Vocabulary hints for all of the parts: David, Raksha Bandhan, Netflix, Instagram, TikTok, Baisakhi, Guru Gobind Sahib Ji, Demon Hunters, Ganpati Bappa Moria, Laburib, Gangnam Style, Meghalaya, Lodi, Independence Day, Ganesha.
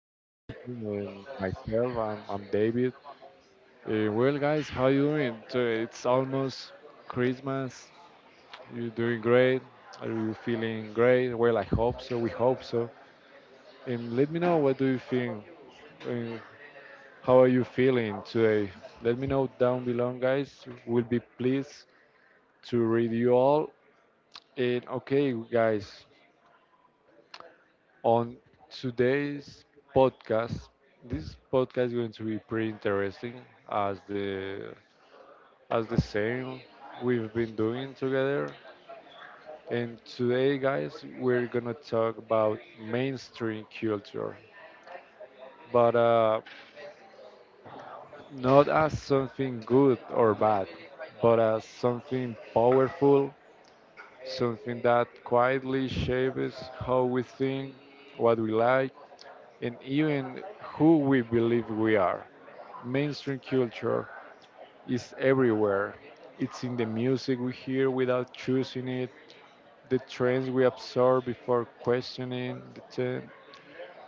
as you know him, and myself. I'm David. Well, guys, how you doing? So it's almost Christmas. You're doing great. Are you feeling great? Well, I hope so. We hope so. And let me know what do you think. Uh, how are you feeling today? Let me know down below, guys. We'll be pleased to read you all. And okay, guys, on today's podcast, this podcast is going to be pretty interesting as the as the same we've been doing together. And today, guys, we're gonna talk about mainstream culture, but not as something good or bad, but as something powerful, something that quietly shapes how we think, what we like, and even who we believe we are. Mainstream culture is everywhere. It's in the music we hear without choosing it, the trends we absorb before questioning the trend,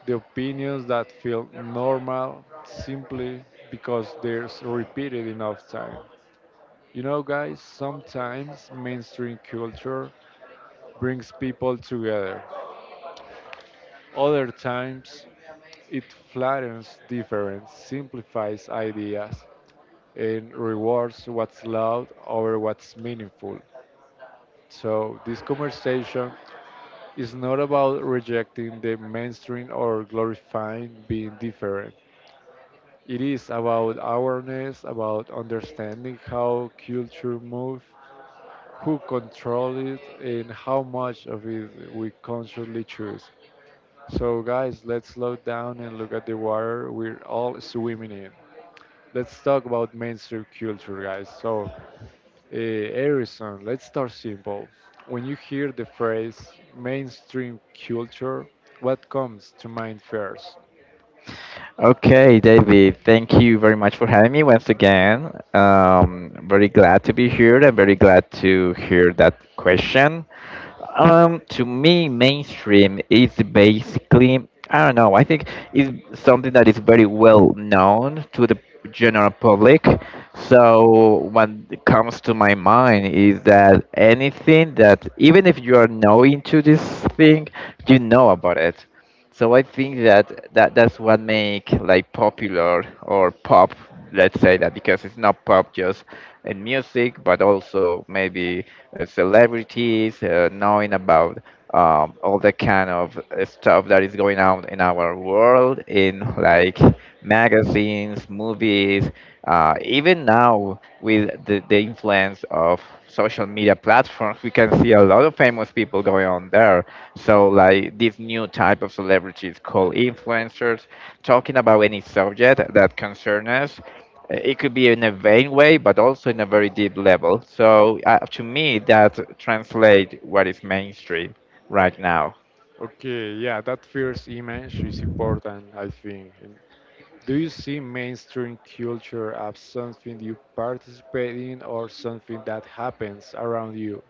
the opinions that feel normal simply because they're repeated enough time. You know, guys, sometimes mainstream culture brings people together. Other times, it flattens difference, simplifies ideas, and rewards what's loud over what's meaningful. So, this conversation is not about rejecting the mainstream or glorifying being different. It is about awareness, about understanding how culture moves, who control it, and how much of it we consciously choose. So, guys, let's slow down and look at the water we're all swimming in. Let's talk about mainstream culture, guys. So, Erison, let's start simple. When you hear the phrase mainstream culture, what comes to mind first? Okay, David, thank you very much for having me once again. Very glad to be here and very glad to hear that question. To me, mainstream is basically, I don't know, I think it's something that is very well known to the general public. So, what comes to my mind is that anything that, even if you are not into this thing, you know about it. So I think that, that's what make like popular or pop, let's say that because it's not pop just in music, but also maybe celebrities knowing about all the kind of stuff that is going on in our world, in like magazines, movies, even now with the influence of social media platforms, we can see a lot of famous people going on there. So, like this new type of celebrities called influencers, talking about any subject that concerns us. It could be in a vain way, but also in a very deep level. So, to me, that translates what is mainstream right now. Okay, yeah, that first image is important, I think. And do you see mainstream culture as something you participate in or something that happens around you?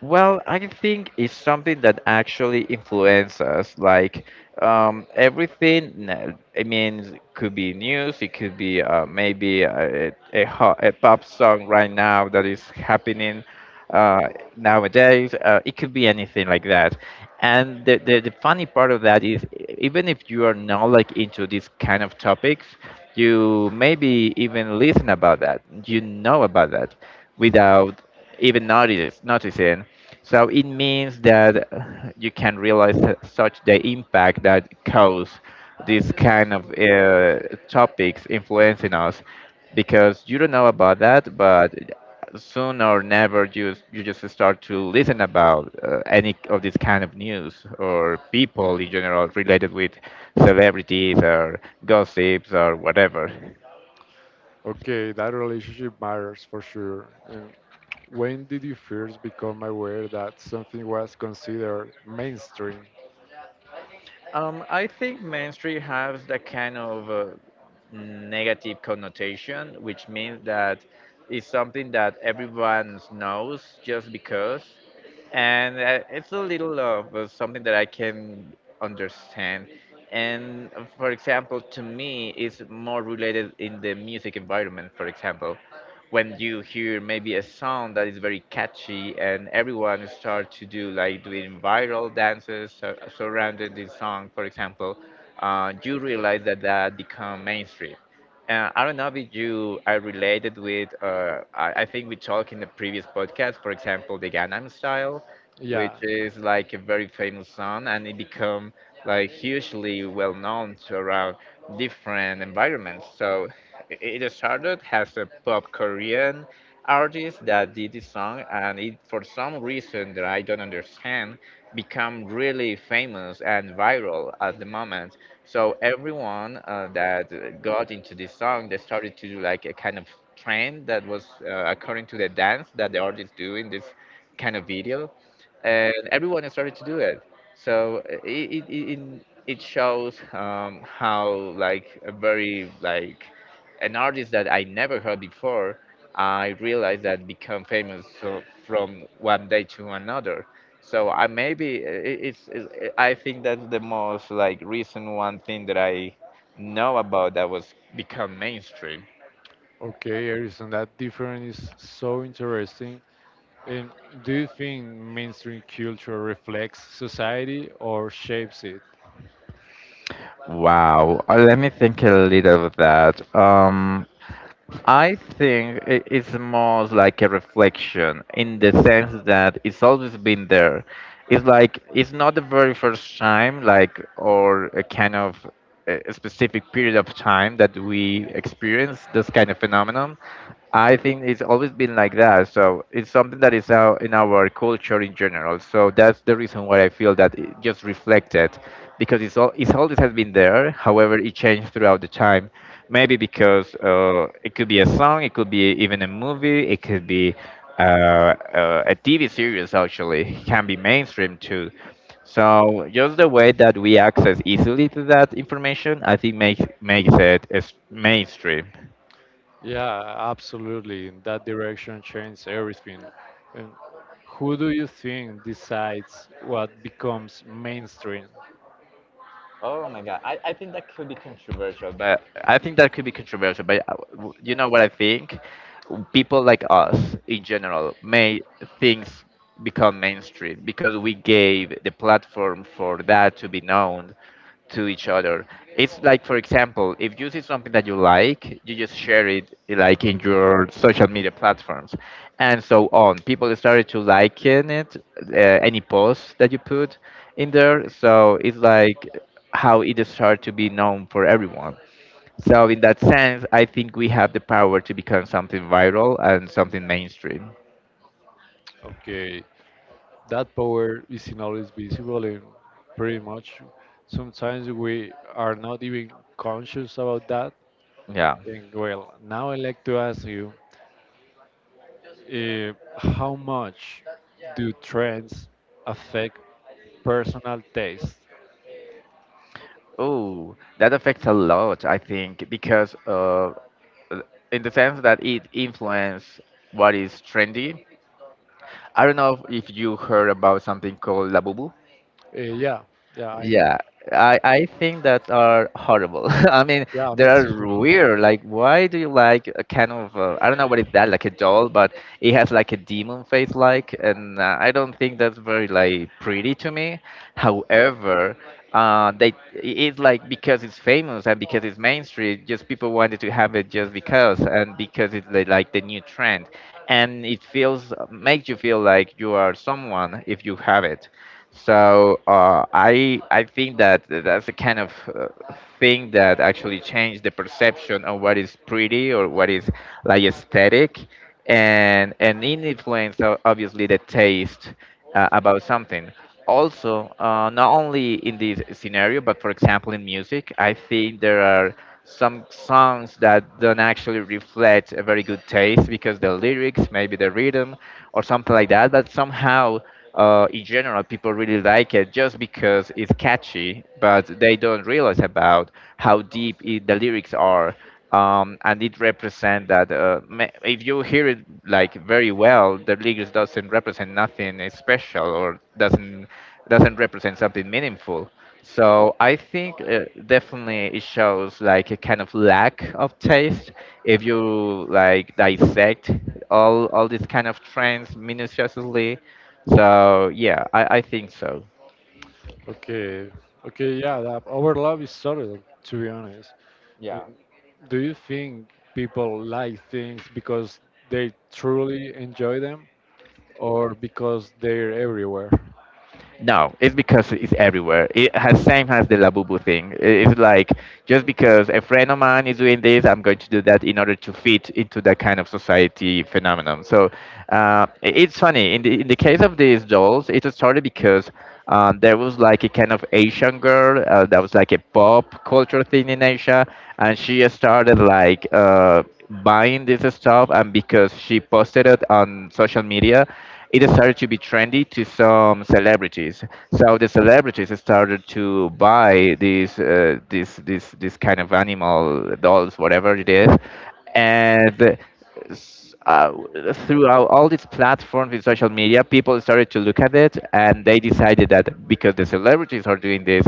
Well, I think it's something that actually influences us. Like everything, I mean, could be news, it could be maybe a pop song right now that is happening uh, nowadays. It could be anything like that. And the funny part of that is, even if you are not like into these kind of topics, you maybe even listen about that. You know about that without noticing. So it means that you can realize that such the impact that cause these kind of topics influencing us because you don't know about that, but soon or never you just start to listen about any of this kind of news or people in general related with celebrities or gossips or whatever. Okay, that relationship matters for sure. And when did you first become aware that something was considered mainstream? I think Main Street has that kind of negative connotation, which means that it's something that everyone knows just because, and it's a little of something that I can understand. And for example, to me, it's more related in the music environment. For example, when you hear maybe a song that is very catchy and everyone start to do like doing viral dances surrounding this song, for example, you realize that that become mainstream. I don't know if you I related with, I think we talked in the previous podcast, for example, the Gangnam Style, which Yeah. is like a very famous song and it become like hugely well known to around different environments. So it started as a pop Korean artist that did this song, and it for some reason that I don't understand become really famous and viral at the moment. So everyone that got into this song, they started to do like a kind of trend that was according to the dance that the artist do in this kind of video and everyone has started to do it. So it shows how like a very like an artist that I never heard before, I realized that become famous so, from one day to another. So I maybe it- it's I think that's the most like recent one thing that I know about that was become mainstream. Okay, Erison, that difference is so interesting. And do you think mainstream culture reflects society or shapes it? Wow. Let me think a little of that. I think it's more like a reflection in the sense that it's always been there. It's like it's not the very first time, like or a kind of a specific period of time that we experience this kind of phenomenon. I think it's always been like that. So it's something that is out in our culture in general. So that's the reason why I feel that it just reflected, because it's all it's always has been there. However, it changed throughout the time. Maybe because it could be a song, it could be even a movie, it could be a TV series. Actually, it can be mainstream too. So just the way that we access easily to that information, I think makes it as mainstream. Yeah, absolutely. That direction changes everything. And who do you think decides what becomes mainstream? Oh my god, I think that could be controversial. But you know what I think? People like us in general made things become mainstream because we gave the platform for that to be known to each other. It's like, for example, if you see something that you like, you just share it like in your social media platforms, and so on. People started to liking it, any post that you put in there. So it's like how it started to be known for everyone. So in that sense, I think we have the power to become something viral and something mainstream. Okay, that power isn't always visible, and pretty much sometimes we are not even conscious about that. Yeah. And well, now I'd like to ask you, Uh, how much do trends affect personal taste? Oh, that affects a lot, I think, because in the sense that it influences what is trendy. I don't know if you heard about something called Labubu. Yeah, yeah, I know. Yeah, I think that are horrible. I mean, Yeah, they me are too. weird. Like, why do you like a kind of I don't know what is that like a doll, but it has like a demon face like, and I don't think that's very like pretty to me. However, uh, they it's like because it's famous and because it's mainstream, just people wanted to have it just because and because it's the, like the new trend, and it feels makes you feel like you are someone if you have it. So I think that that's a kind of thing that actually changed the perception of what is pretty or what is like aesthetic, and it influences obviously the taste about something. Also, not only in this scenario, but for example in music, I think there are some songs that don't actually reflect a very good taste because the lyrics, maybe the rhythm, or something like that. But somehow, in general, people really like it just because it's catchy, but they don't realize about how deep I the lyrics are, and it represent that if you hear it like very well, the lyrics doesn't represent nothing special or doesn't represent something meaningful. So I think definitely it shows like a kind of lack of taste if you like dissect all these kind of trends minutiously. So yeah, I think so. Okay, okay, yeah, that overlap is subtle, to be honest. And Yeah. do you think people like things because they truly enjoy them or because they're everywhere? No, it's because it's everywhere. It has same as the Labubu thing. It's like just because a friend of mine is doing this, I'm going to do that in order to fit into that kind of society phenomenon. So it's funny. In the case of these dolls, it started because there was like a kind of Asian girl that was like a pop culture thing in Asia, and she started like. Buying this stuff, and because she posted it on social media it started to be trendy to some celebrities. So the celebrities started to buy these this kind of animal dolls, whatever it is, and s- uh, throughout all these platforms in social media, people started to look at it and they decided that because the celebrities are doing this,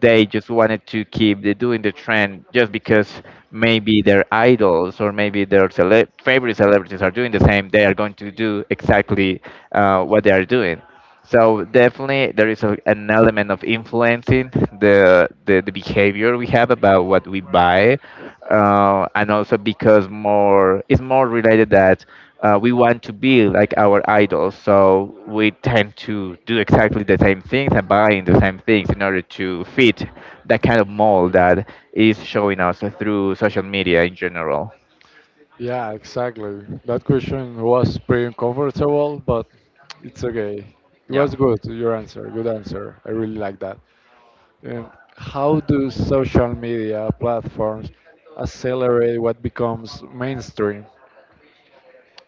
they just wanted to keep the, doing the trend just because maybe their idols or maybe their favorite celebrities are doing the same. They are going to do exactly what they are doing. So definitely there is a, an element of influencing the behavior we have about what we buy, and also because more it's more related that we want to be like our idols, so we tend to do exactly the same things and buying the same things in order to fit that kind of mold that is showing us through social media in general. Yeah, exactly. That question was pretty uncomfortable, but it's okay. It Yeah. was good, your answer. Good answer. I really like that. Um, how do social media platforms accelerate what becomes mainstream?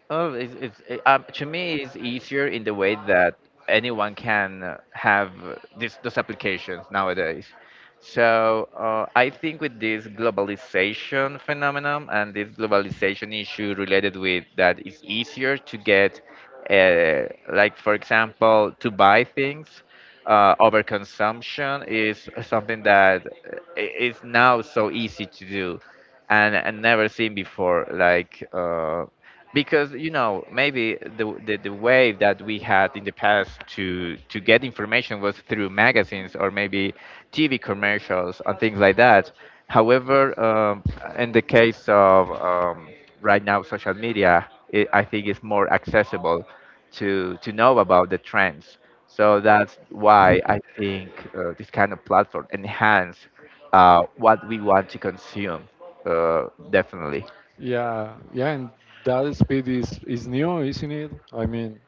Oh, to me it's easier in the way that anyone can have those applications nowadays. So I think with this globalization phenomenon and this globalization issue related with that, it's easier to get, uh, like for example, to buy things. Overconsumption is something that is now so easy to do, and never seen before. Like. Because you know maybe the way that we had in the past to get information was through magazines or maybe TV commercials and things like that. However, in the case of right now social media, it, I think it's more accessible to know about the trends. So that's why I think this kind of platform enhance what we want to consume. Definitely. Yeah, yeah, and that speed is new, isn't it? I mean,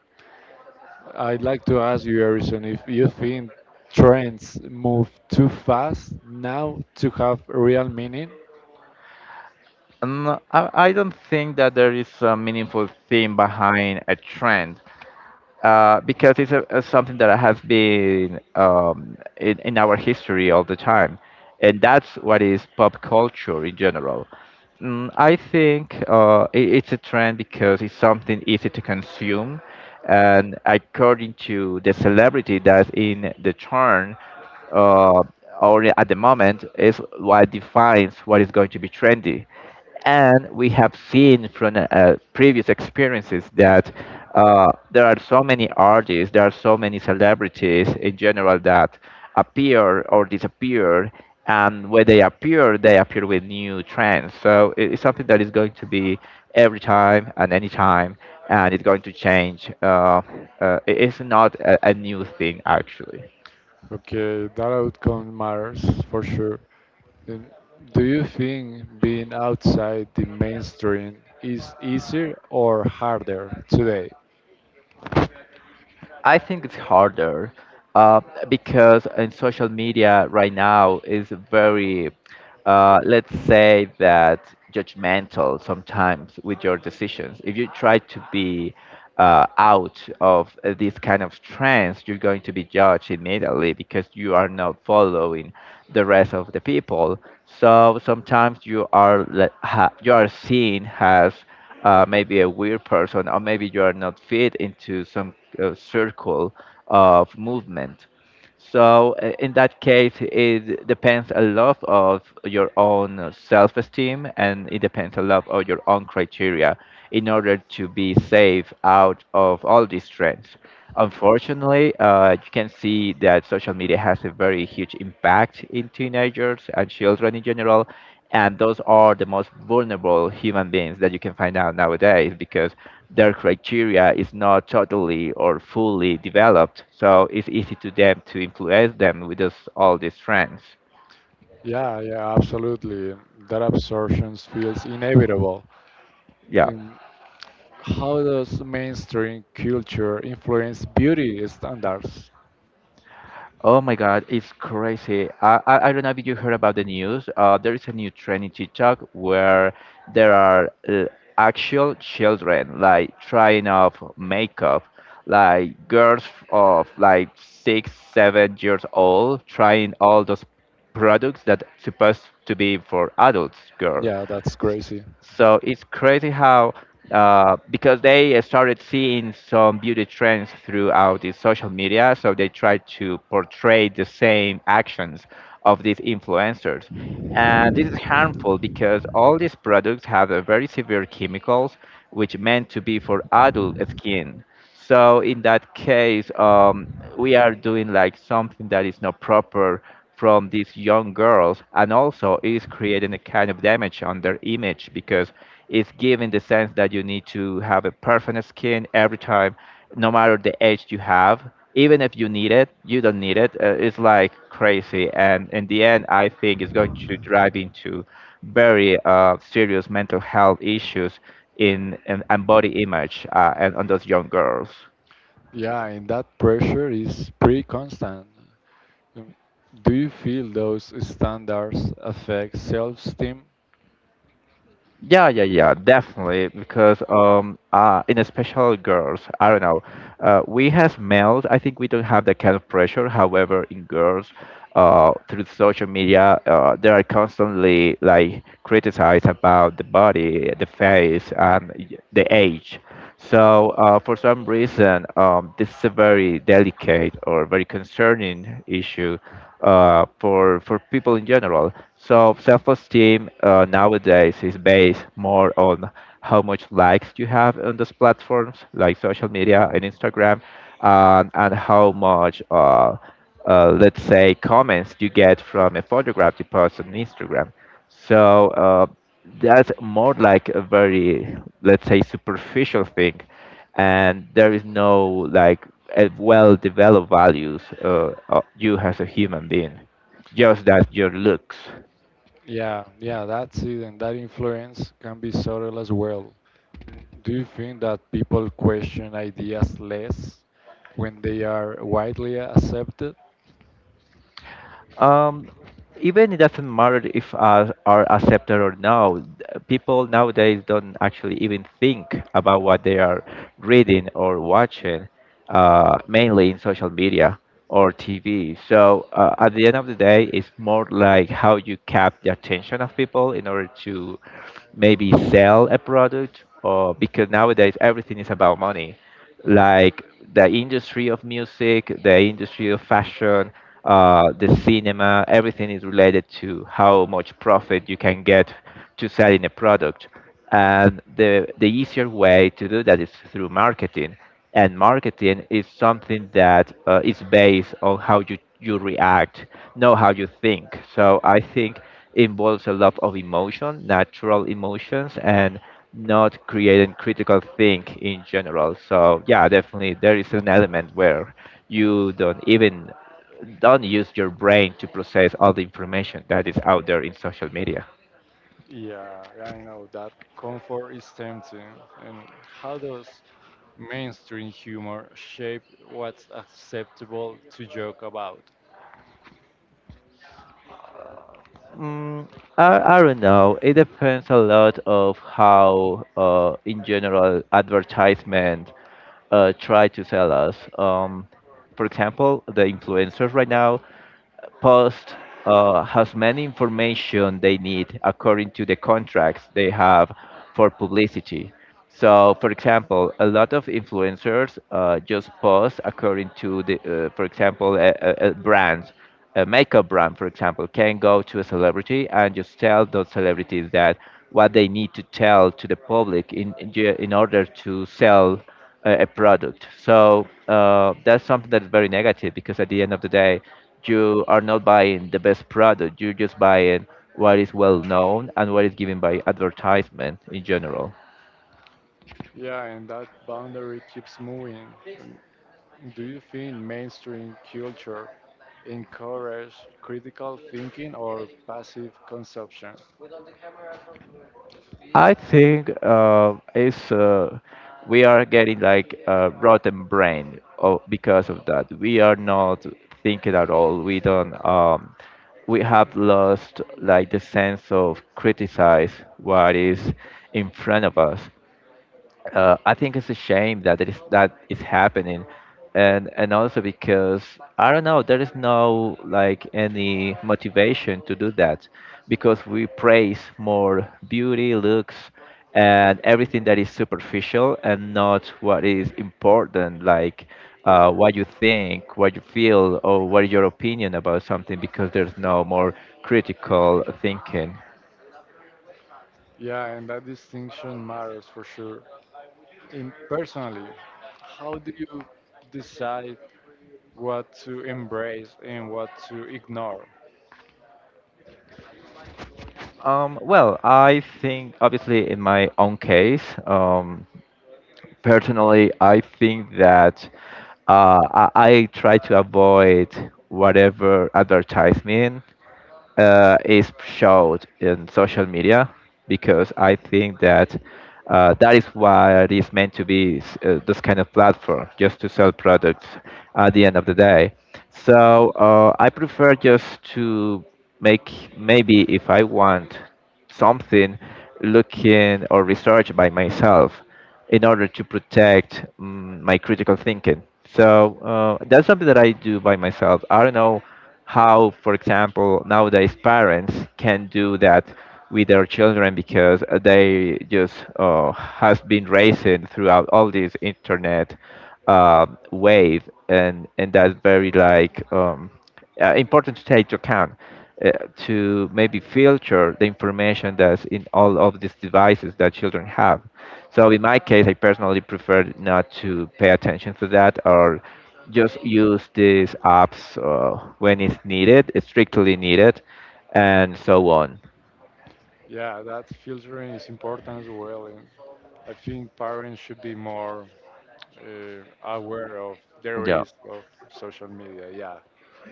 I'd like to ask you, Harrison, if you think trends move too fast now to have real meaning? No, I don't think that there is a meaningful theme behind a trend because it's a something that has been in our history all the time. And that's what is pop culture in general. Mm, I think I it's a trend because it's something easy to consume. And according to the celebrity that's in the turn, uh, or at the moment is what defines what is going to be trendy, and we have seen from previous experiences that there are so many artists, there are so many celebrities in general that appear or disappear, and when they appear with new trends. So it's something that is going to be every time and any time, and it's going to change. It's not a new thing actually. Okay, that outcome matters for sure. And do you think being outside the mainstream is easier or harder today? I think it's harder uh, because in social media right now is very, let's say that judgmental sometimes with your decisions. If you try to be out of this kind of trends, you're going to be judged immediately because you are not following the rest of the people. So sometimes you are you are seen as maybe a weird person, or maybe you are not fit into some circle of movement. So in that case, it depends a lot of your own self-esteem, and it depends a lot of your own criteria in order to be safe out of all these trends. Unfortunately, you can see that social media has a very huge impact in teenagers and children in general, and those are the most vulnerable human beings that you can find out nowadays because their criteria is not totally or fully developed. So it's easy to them to influence them with this, all these trends. Yeah, yeah, absolutely. That absorption feels inevitable. Yeah. Um, how does mainstream culture influence beauty standards? Oh my God, it's crazy. I don't know if you heard about the news. There is a new trend in TikTok where there are actual children like trying off makeup, like girls of like 6, 7 years old trying all those products that supposed to be for adults, girl. Yeah, that's crazy. So it's crazy how because they started seeing some beauty trends throughout the social media, so they tried to portray the same actions of these influencers, and this is harmful because all these products have a very severe chemicals which meant to be for adult skin. So in that case, we are doing like something that is not proper from these young girls, and also is creating a kind of damage on their image because it's giving the sense that you need to have a perfect skin every time, no matter the age you have. Even if you need it, you don't need it. It's like crazy, and in the end, I think it's going to drive into very serious mental health issues in, and body image and on those young girls. Yeah, and that pressure is pretty constant. Um, Do you feel those standards affect self-esteem? Yeah, yeah, yeah, definitely. Because in especially girls, I don't know. We as males, I think we don't have that kind of pressure. However, in girls, through social media, they are constantly like criticized about the body, the face, and the age. So for some reason, this is a very delicate or very concerning issue for people in general. So self-esteem nowadays is based more on how much likes you have on those platforms like social media and Instagram, and how much. Let's say comments you get from a photograph you post on Instagram. So that's more like a very, let's say, superficial thing, and there is no like a well developed values of you as a human being, just that your looks. Yeah, yeah, that's it, and that influence can be subtle as well. Do you think that people question ideas less when they are widely accepted? Um, Even it doesn't matter if are accepted or no. People nowadays don't actually even think about what they are reading or watching, mainly in social media or TV. So at the end of the day, it's more like how you cap the attention of people in order to maybe sell a product, or because nowadays everything is about money, like the industry of music, the industry of fashion, the cinema. Everything is related to how much profit you can get to selling a product. And the easier way to do that is through marketing, and marketing is something that is based on how you react, not how you think. So I think involves a lot of emotion, natural emotions, and not creating critical think in general. So yeah, definitely there is an element where you don't use your brain to process all the information that is out there in social media. Yeah, I know that comfort is tempting. And how does mainstream humor shape what's acceptable to joke about? Mm, I don't know. It depends a lot of how, in general, advertisement try to sell us. For example, the influencers right now post has many information they need according to the contracts they have for publicity. So, for example, a lot of influencers just post according to the, for example, a brand, a makeup brand, for example, can go to a celebrity and just tell those celebrities that what they need to tell to the public in in order to sell a product. So that's something that is very negative because at the end of the day, you are not buying the best product. You're just buying what is well known and what is given by advertisement in general. Yeah, and that boundary keeps moving. Do you think mainstream culture encourages critical thinking or passive consumption? I think it's we are getting like a rotten brain o because of that. We are not thinking at all. We don't. We have lost like the sense of criticize what is in front of us. I think it's a shame that it is that is happening, and also because I don't know there is no like any motivation to do that, because we praise more beauty, looks, and everything that is superficial and not what is important, like what you think, what you feel, or what is your opinion about something, because there's no more critical thinking. Yeah, and that distinction matters for sure. In personally, how do you decide what to embrace and what to ignore? Well, I think obviously in my own case. Personally, I think that I try to avoid whatever advertisement is showed in social media because I think that that is why it is meant to be this kind of platform, just to sell products at the end of the day. So I prefer just to make, maybe if I want something, looking or research by myself in order to protect my critical thinking. So that's something that I do by myself. I don't know how, for example, nowadays parents can do that with their children because they just has been raising throughout all this internet uh, wave, and that's very like. Important to take into account uh, to maybe filter the information that's in all of these devices that children have. So in my case, I personally prefer not to pay attention to that, or just use these apps when it's needed, it's strictly needed, and so on. Yeah, that filtering is important as well, and I think parents should be more aware of the risk of social media. Yeah,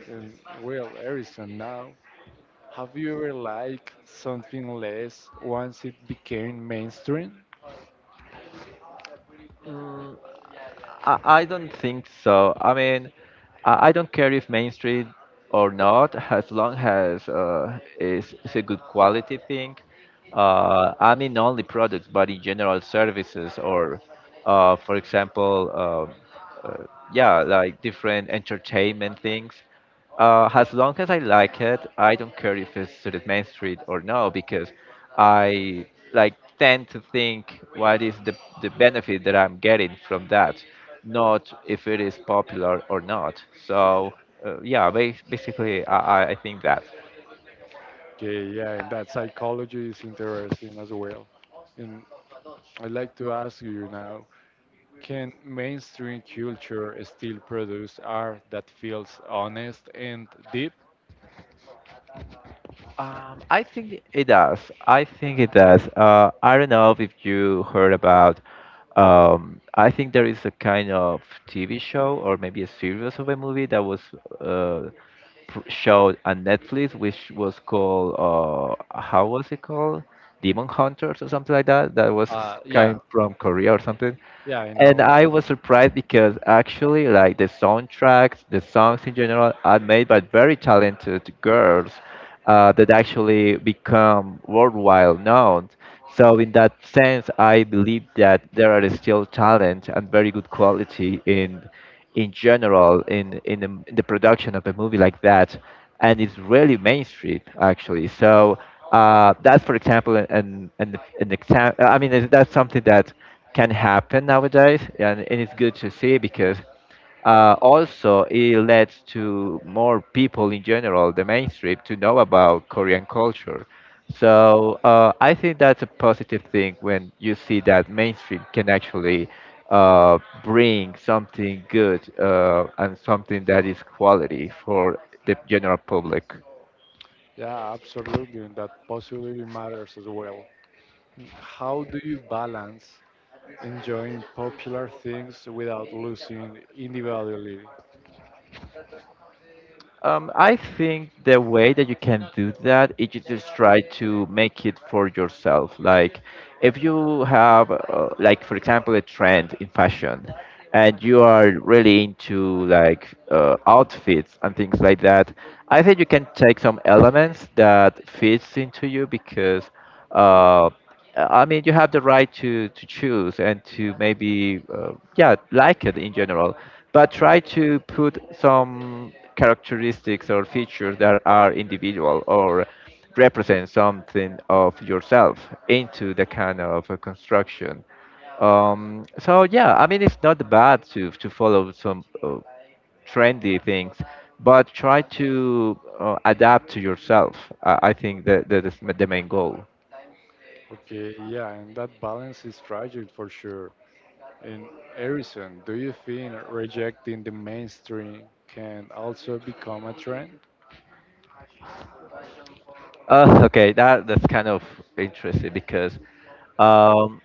and well, Erison, now, have you ever liked something less once it became mainstream? Yeah. I don't think so. I mean, I don't care if mainstream or not, as long as it's a good quality thing. I mean, not only products, but in general services, or, for example, uh, yeah, like different entertainment things. As long as I like it, I don't care if it's to the main street or no, because I like tend to think what is the benefit that I'm getting from that, not if it is popular or not. So yeah, basically, I think that. Okay, yeah, and that psychology is interesting as well. And I'd like to ask you now, can mainstream culture still produce art that feels honest and deep? I think it does. I think it does. I don't know if you heard about. I think there is a kind of TV show or maybe a series of a movie that was uh, showed on Netflix, which was called how was it called? Demon Hunters or something like that. That was Yeah, kind from Korea or something, yeah, I and know. I was surprised because actually, like the soundtracks, the songs in general, are made by very talented girls that actually become worldwide known. So, in that sense, I believe that there are still talent and very good quality in general in the production of a movie like that, and it's really mainstream actually. So that's, for example, an example. I mean, that's something that can happen nowadays, and it's good to see because also, it leads to more people in general, the mainstream, to know about Korean culture. So I think that's a positive thing when you see that mainstream can actually uh, bring something good and something that is quality for the general public. Yeah, absolutely, and that possibly matters as well. How do you balance enjoying popular things without losing individuality? I think the way that you can do that is you just try to make it for yourself. Like, if you have, like, for example, a trend in fashion, and you are really into like outfits and things like that, I think you can take some elements that fits into you because. Uh, I mean, you have the right to choose and to maybe, yeah, like it in general, but try to put some characteristics or features that are individual or represent something of yourself into the kind of a construction. So yeah, I mean, it's not bad to follow some trendy things, but try to adapt to yourself. I think that that is the main goal. Okay, yeah, and that balance is fragile for sure. And Harrison, do you think rejecting the mainstream can also become a trend? Okay, that's kind of interesting because um,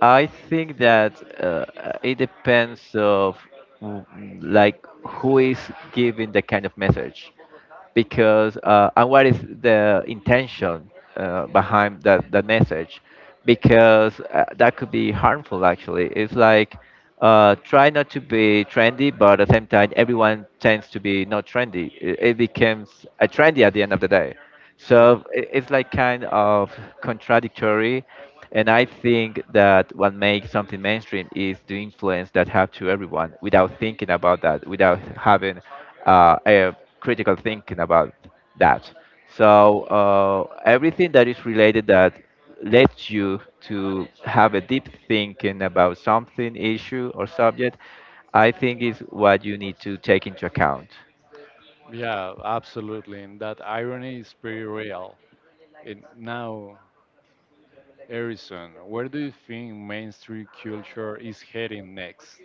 I think that uh, it depends of w- like who is giving the kind of message because and what is the intention behind that message because that could be harmful actually. It's like try not to be trendy, but at the same time everyone tends to be not trendy, it becomes a trendy at the end of the day, Yeah, so it's like kind of contradictory. And I think that what makes something mainstream is the influence that have to everyone without thinking about that, without having a critical thinking about that. So everything that is related that lets you to have a deep thinking about something, issue or subject, I think is what you need to take into account. yeah, absolutely. And that irony is pretty real. And now, Harrison, where do you think mainstream culture is heading next?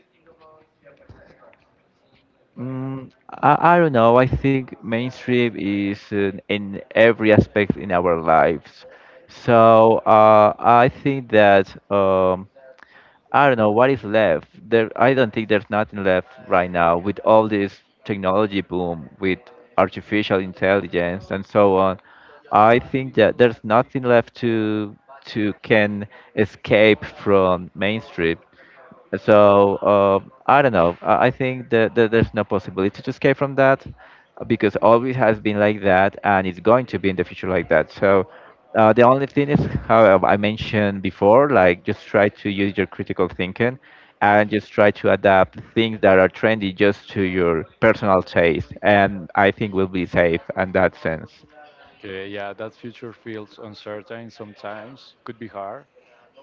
Mm, I don't know. I think mainstream is in every aspect in our lives. So I think that I don't know what is left. There, I don't think there's nothing left right now with all this technology boom, with artificial intelligence and so on. I think that there's nothing left to can escape from mainstream. So I don't know. I think that there's no possibility to escape from that because always has been like that and it's going to be in the future like that. So the only thing is how I mentioned before, like just try to use your critical thinking and just try to adapt things that are trendy just to your personal taste. And I think we'll be safe in that sense. Okay, yeah, that future feels uncertain sometimes, could be hard.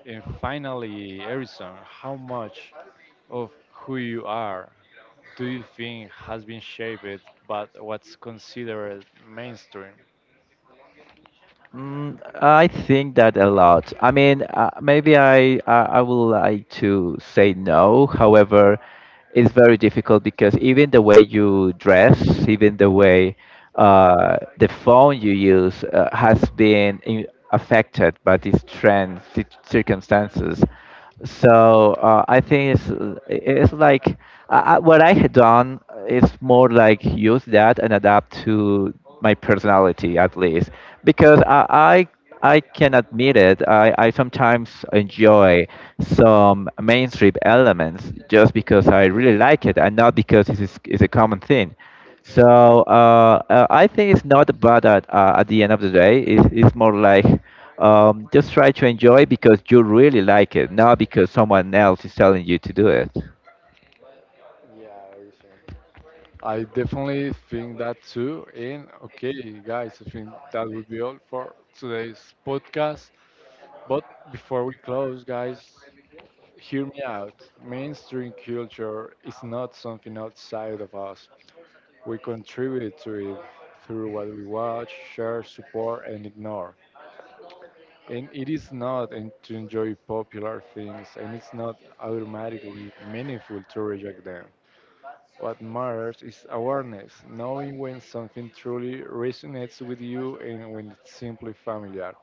And finally, Harrison, how much of who you are do you think has been shaped by what's considered mainstream? Mm, I think that a lot. I mean, maybe I, I would like to say no. However, it's very difficult because even the way you dress, even the way the phone you use has been in, affected by these trends, circumstances. So I think it's like what I had done is more like use that and adapt to my personality at least because I can admit it. I sometimes enjoy some mainstream elements just because I really like it and not because this is a common thing. So I think it's not bad at the end of the day. It's more like just try to enjoy because you really like it, not because someone else is telling you to do it. I definitely think that too. And okay, guys, I think that would be all for today's podcast. But before we close, guys, hear me out. Mainstream culture is not something outside of us, we contribute to it through what we watch, share, support, and ignore. And it is not and to enjoy popular things, and it's not automatically meaningful to reject them. What matters is awareness, knowing when something truly resonates with you and when it's simply familiar.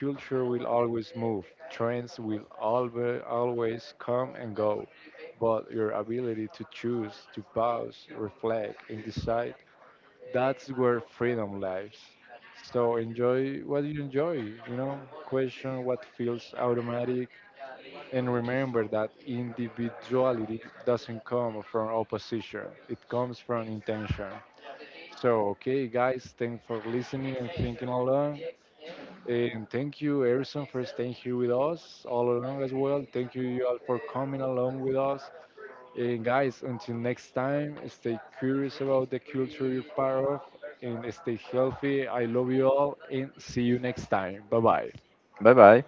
Culture will always move, trends will always come and go, but your ability to choose, to pause, reflect, and decide, that's where freedom lies. So enjoy what you enjoy, you know, question what feels automatic, and remember that individuality doesn't come from opposition, it comes from intention. So, okay, guys, thanks for listening and thinking along. And thank you, Erison, for staying here with us all along as well. Thank you, you all, for coming along with us. And guys, until next time, stay curious about the culture you're part of and stay healthy. I love you all and see you next time. Bye bye. Bye bye.